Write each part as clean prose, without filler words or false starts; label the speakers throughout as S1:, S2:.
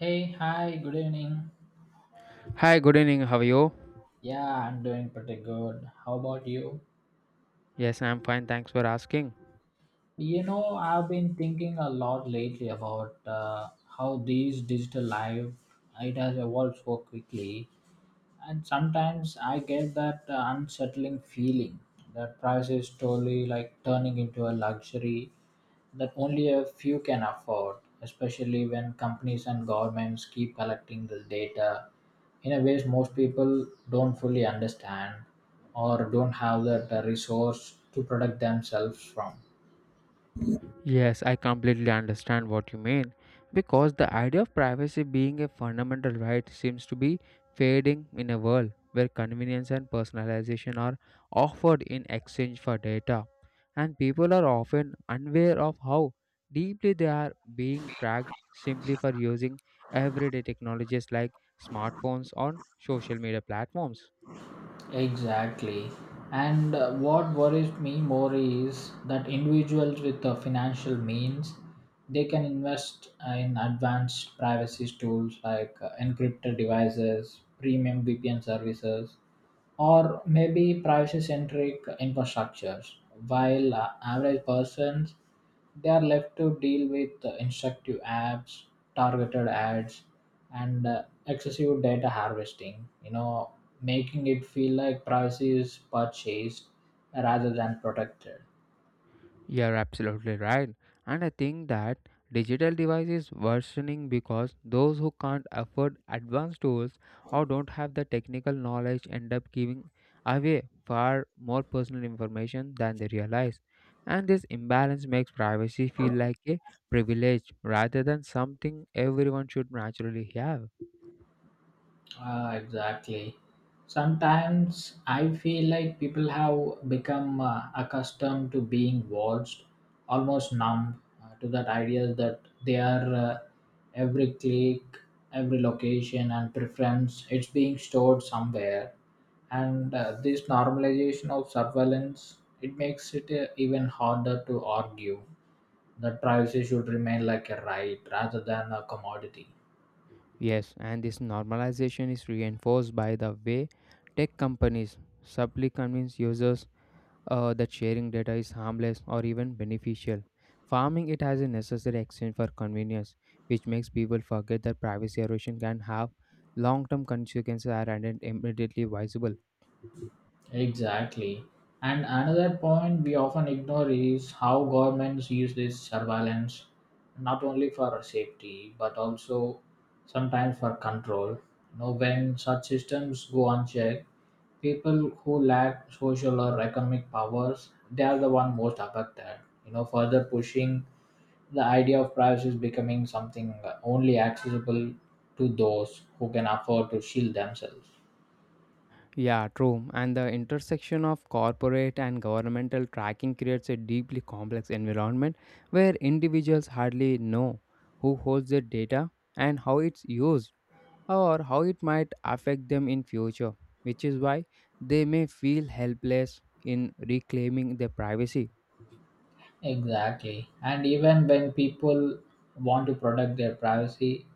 S1: Hey, hi, good evening.
S2: Hi, good evening. How are you?
S1: Yeah, I'm doing pretty good. How about you?
S2: Yes, I'm fine. Thanks for asking.
S1: I've been thinking a lot lately about how these digital life it has evolved so quickly. And sometimes I get that unsettling feeling that price is slowly like turning into a luxury that only a few can afford, especially when companies and governments keep collecting this data in a ways most people don't fully understand, or don't have that resource to protect themselves from.
S2: Yes, I completely understand what you mean because the idea of privacy being a fundamental right seems to be fading in a world where convenience and personalization are offered in exchange for data, and people are often unaware of how deeply they are being tracked simply for using everyday technologies like smartphones on social media platforms.
S1: Exactly. And what worries me more is that individuals with financial means, they can invest in advanced privacy tools like encrypted devices, premium VPN services, or maybe privacy-centric infrastructures, while average persons, they are left to deal with instructive apps, targeted ads, and excessive data harvesting. Making it feel like privacy is purchased rather than protected.
S2: You're absolutely right. And I think that digital devices worsening because those who can't afford advanced tools or don't have the technical knowledge end up giving away far more personal information than they realize. And this imbalance makes privacy feel like a privilege rather than something everyone should naturally have.
S1: Ah, exactly. Sometimes I feel like people have become accustomed to being watched, almost numb to that idea that they are every click, every location, and preference, it's being stored somewhere. And this normalization of surveillance, it makes it even harder to argue that privacy should remain like a right rather than a commodity.
S2: Yes, and this normalization is reinforced by the way tech companies subtly convince users that sharing data is harmless or even beneficial. Farming it as a necessary exchange for convenience, which makes people forget that privacy erosion can have long-term consequences that aren't immediately visible.
S1: Exactly. And another point we often ignore is how governments use this surveillance not only for safety but also sometimes for control. When such systems go unchecked, people who lack social or economic powers, they are the one most affected. Further pushing the idea of privacy is becoming something only accessible to those who can afford to shield themselves.
S2: Yeah, true. And the intersection of corporate and governmental tracking creates a deeply complex environment where individuals hardly know who holds their data and how it's used, or how it might affect them in future, which is why they may feel helpless in reclaiming their privacy.
S1: Exactly. And even when people want to protect their privacy,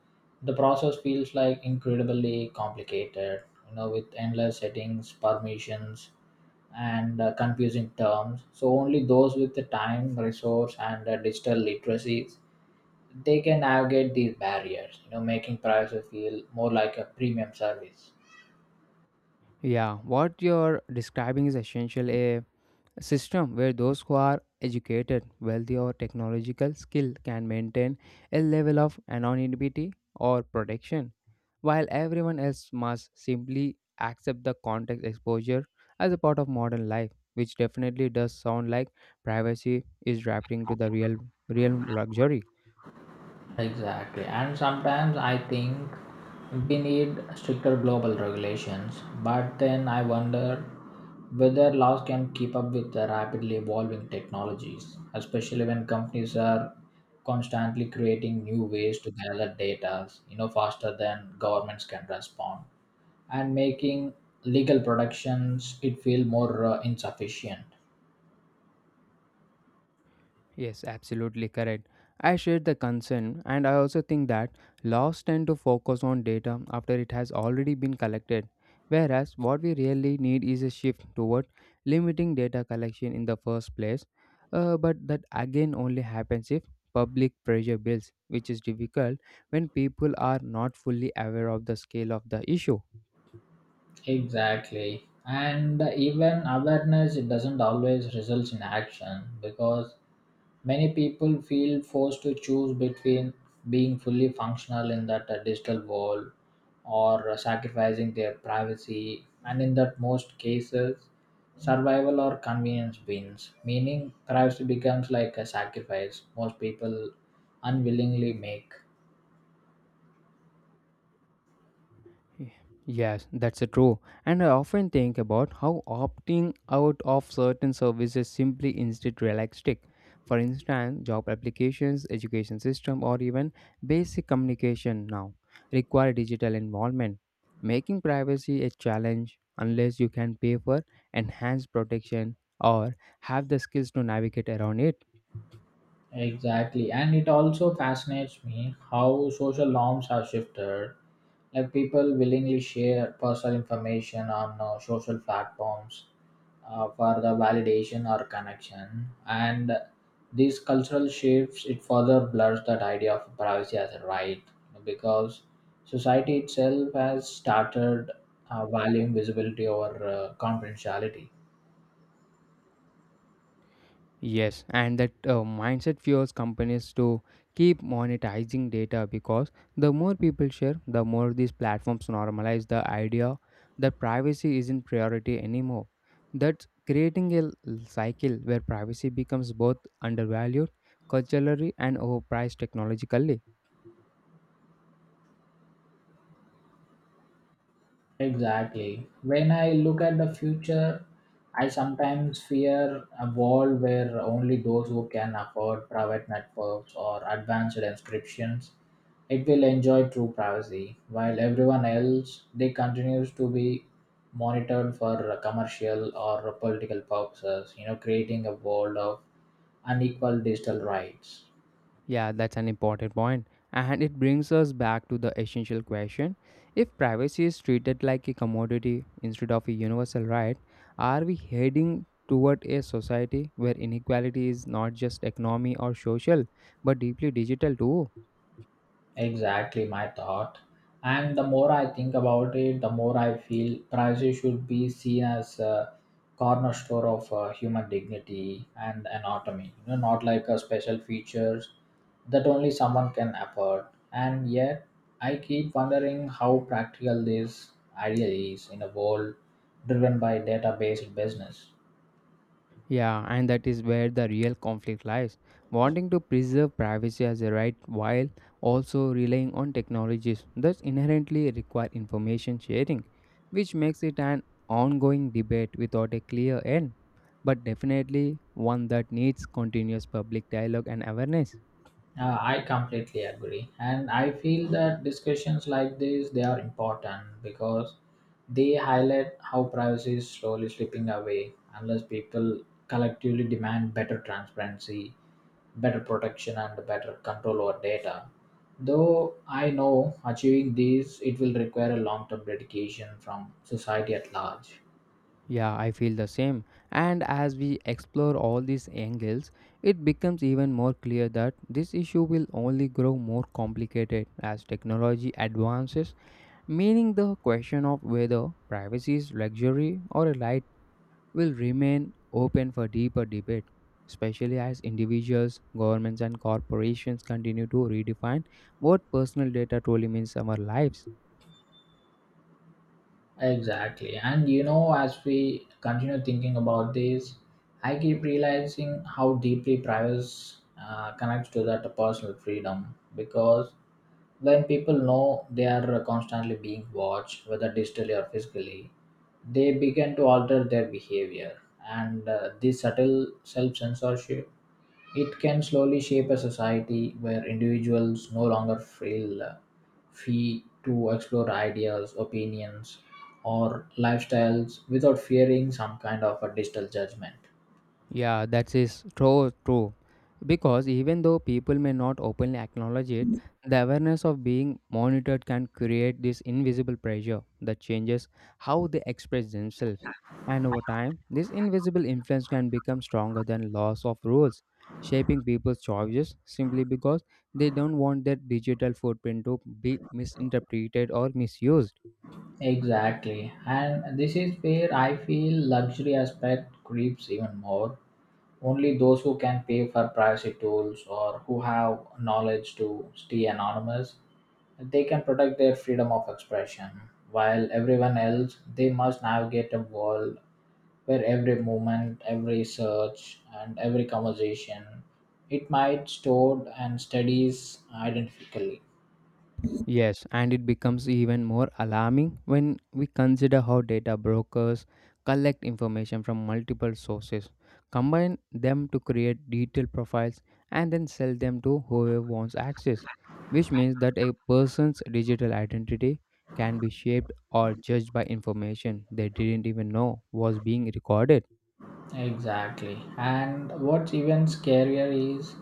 S1: the process feels like incredibly complicated, with endless settings, permissions, and confusing terms. So only those with the time, resource, and digital literacies, they can navigate these barriers, making privacy feel more like a premium service.
S2: Yeah, what you're describing is essential a system where those who are educated wealthy or technological skill can maintain a level of anonymity or protection while everyone else must simply accept the context exposure as a part of modern life, which definitely does sound like privacy is drafting to the real luxury.
S1: Exactly. And sometimes I think we need stricter global regulations, but then I wonder whether laws can keep up with the rapidly evolving technologies, especially when companies are constantly creating new ways to gather data, faster than governments can respond, and making legal productions it feel more insufficient.
S2: Yes, absolutely correct. I share the concern, and I also think that laws tend to focus on data after it has already been collected, whereas what we really need is a shift toward limiting data collection in the first place. But that again only happens if public pressure builds, which is difficult when people are not fully aware of the scale of the issue.
S1: Exactly. And even awareness it doesn't always result in action because many people feel forced to choose between being fully functional in that digital world, or sacrificing their privacy, and in that most cases survival or convenience wins, meaning privacy becomes like a sacrifice most people unwillingly make.
S2: Yes, that's true. And I often think about how opting out of certain services simply instead realistic. For instance, job applications, education system, or even basic communication now require digital involvement, making privacy a challenge unless you can pay for enhanced protection or have the skills to navigate around it.
S1: Exactly. And it also fascinates me how social norms have shifted. Like people willingly share personal information on social platforms for the validation or connection. And these cultural shifts, it further blurs that idea of privacy as a right, because society itself has started valuing visibility over confidentiality.
S2: Yes, and that mindset fuels companies to keep monetizing data because the more people share, the more these platforms normalize the idea that privacy isn't priority anymore. That's creating a cycle where privacy becomes both undervalued culturally and overpriced technologically.
S1: Exactly. When I look at the future, I sometimes fear a world where only those who can afford private networks or advanced subscriptions it will enjoy true privacy, while everyone else they continues to be monitored for commercial or political purposes. Creating a world of unequal digital rights.
S2: Yeah, that's an important point. And it brings us back to the essential question, if privacy is treated like a commodity instead of a universal right, are we heading toward a society where inequality is not just economy or social but deeply digital too?
S1: Exactly my thought. And the more I think about it, the more I feel privacy should be seen as a cornerstone of human dignity and anatomy. Not like a special features that only someone can afford. And yet, I keep wondering how practical this idea is in a world driven by data-based business.
S2: Yeah, and that is where the real conflict lies. Wanting to preserve privacy as a right while also relying on technologies that inherently require information sharing, which makes it an ongoing debate without a clear end, but definitely one that needs continuous public dialogue and awareness.
S1: I completely agree, and I feel that discussions like this they are important because they highlight how privacy is slowly slipping away unless people collectively demand better transparency, better protection, and better control over data. Though I know achieving these it will require a long-term dedication from society at large.
S2: Yeah, I feel the same. And as we explore all these angles, it becomes even more clear that this issue will only grow more complicated as technology advances, meaning the question of whether privacy is luxury or a right will remain open for deeper debate, especially as individuals, governments, and corporations continue to redefine what personal data truly means in our lives.
S1: Exactly. And as we continue thinking about this, I keep realizing how deeply privacy connects to that personal freedom, because when people know they are constantly being watched, whether digitally or physically, they begin to alter their behavior. And this subtle self censorship it can slowly shape a society where individuals no longer feel free to explore ideas, opinions, or lifestyles without fearing some kind of a digital judgment.
S2: Yeah, that is true. Because even though people may not openly acknowledge it, the awareness of being monitored can create this invisible pressure that changes how they express themselves. And over time, this invisible influence can become stronger than laws of rules, shaping people's choices simply because they don't want their digital footprint to be misinterpreted or misused.
S1: Exactly. And this is where I feel luxury aspect creeps even more. Only those who can pay for privacy tools or who have knowledge to stay anonymous, they can protect their freedom of expression. While everyone else, they must navigate a world where every movement, every search, and every conversation, it might stored and studies identically.
S2: Yes, and it becomes even more alarming when we consider how data brokers collect information from multiple sources, combine them to create detailed profiles, and then sell them to whoever wants access, which means that a person's digital identity can be shaped or judged by information they didn't even know was being recorded.
S1: Exactly. And what's even scarier is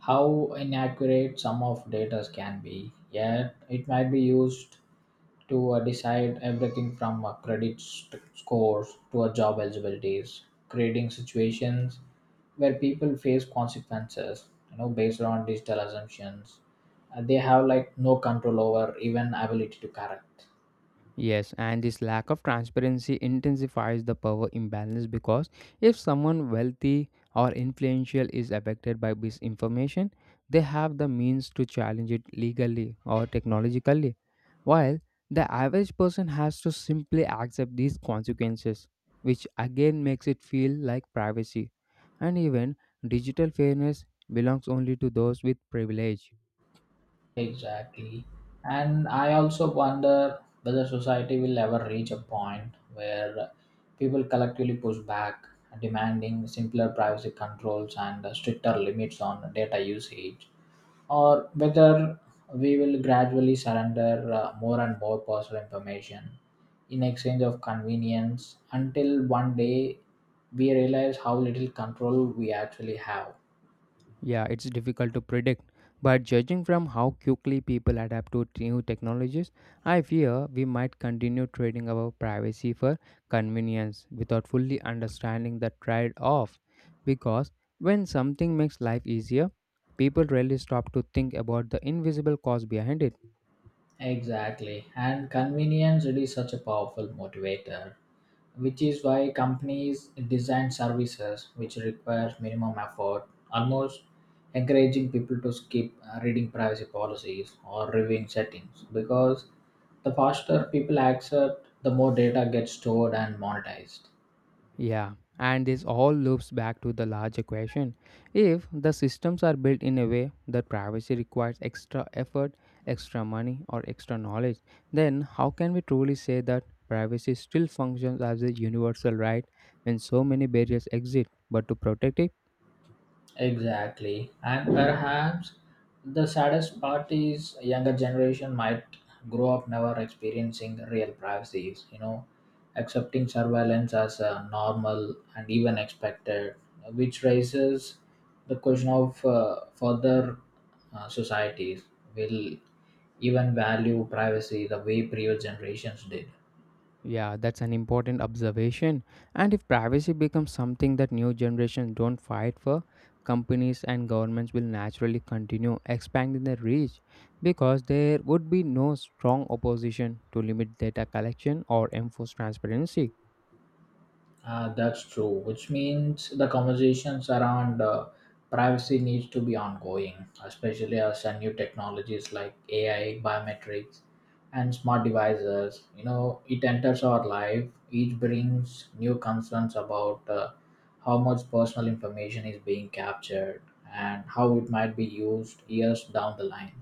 S1: how inaccurate some of data can be. Yet it might be used to decide everything from credit scores to job eligibilities, creating situations where people face consequences, based on digital assumptions. They have like no control over even ability to correct.
S2: Yes, and this lack of transparency intensifies the power imbalance because if someone wealthy or influential is affected by misinformation, they have the means to challenge it legally or technologically, while the average person has to simply accept these consequences, which again makes it feel like privacy. And even digital fairness belongs only to those with privilege.
S1: Exactly. And I also wonder whether society will ever reach a point where people collectively push back, demanding simpler privacy controls and stricter limits on data usage, or whether we will gradually surrender more and more personal information in exchange of convenience until one day we realize how little control we actually have.
S2: Yeah, it's difficult to predict, but judging from how quickly people adapt to new technologies, I fear we might continue trading our privacy for convenience without fully understanding the trade off. Because when something makes life easier, people rarely stop to think about the invisible cause behind it.
S1: Exactly. And convenience really is such a powerful motivator, which is why companies design services which requires minimum effort, almost encouraging people to skip reading privacy policies or reviewing settings because the faster people accept, the more data gets stored and monetized.
S2: Yeah, and this all loops back to the larger question. If the systems are built in a way that privacy requires extra effort, extra money, or extra knowledge, then how can we truly say that privacy still functions as a universal right when so many barriers exist? But to protect it,
S1: Exactly. And perhaps the saddest part is younger generation might grow up never experiencing real privacies, accepting surveillance as a normal and even expected, which raises the question of further societies will even value privacy the way previous generations did.
S2: yeah, that's an important observation. And if privacy becomes something that new generations don't fight for, companies and governments will naturally continue expanding their reach because there would be no strong opposition to limit data collection or enforce transparency.
S1: That's true, which means the conversations around privacy needs to be ongoing, especially as new technologies like AI, biometrics, and smart devices. It enters our life. Each brings new concerns about how much personal information is being captured and how it might be used years down the line.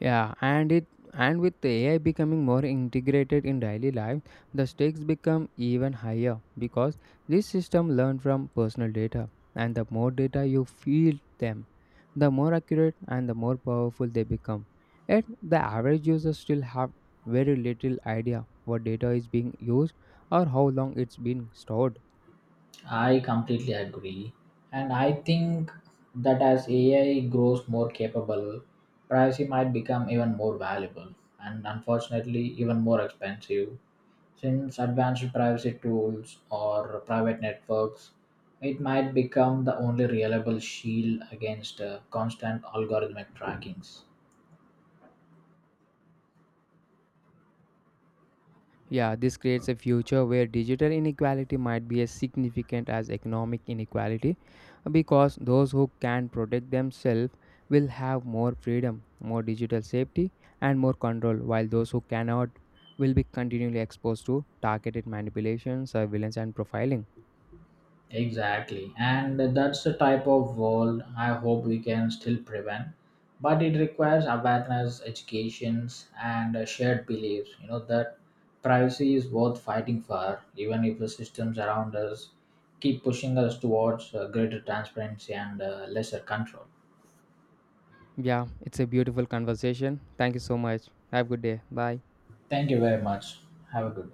S2: Yeah, and with AI becoming more integrated in daily life, the stakes become even higher because this system learn from personal data, and the more data you feed them, the more accurate and the more powerful they become. Yet the average user still have very little idea what data is being used or how long it's been stored.
S1: I completely agree. And I think that as AI grows more capable, privacy might become even more valuable, and unfortunately even more expensive. Since advanced privacy tools or private networks, it might become the only reliable shield against constant algorithmic trackings.
S2: Yeah, this creates a future where digital inequality might be as significant as economic inequality because those who can protect themselves will have more freedom, more digital safety, and more control, while those who cannot will be continually exposed to targeted manipulation, surveillance, and profiling.
S1: Exactly. And that's the type of world I hope we can still prevent. But it requires awareness, educations, and a shared beliefs, that privacy is worth fighting for, even if the systems around us keep pushing us towards greater transparency and lesser control.
S2: Yeah, it's a beautiful conversation. Thank you so much. Have a good day. Bye.
S1: Thank you very much. Have a good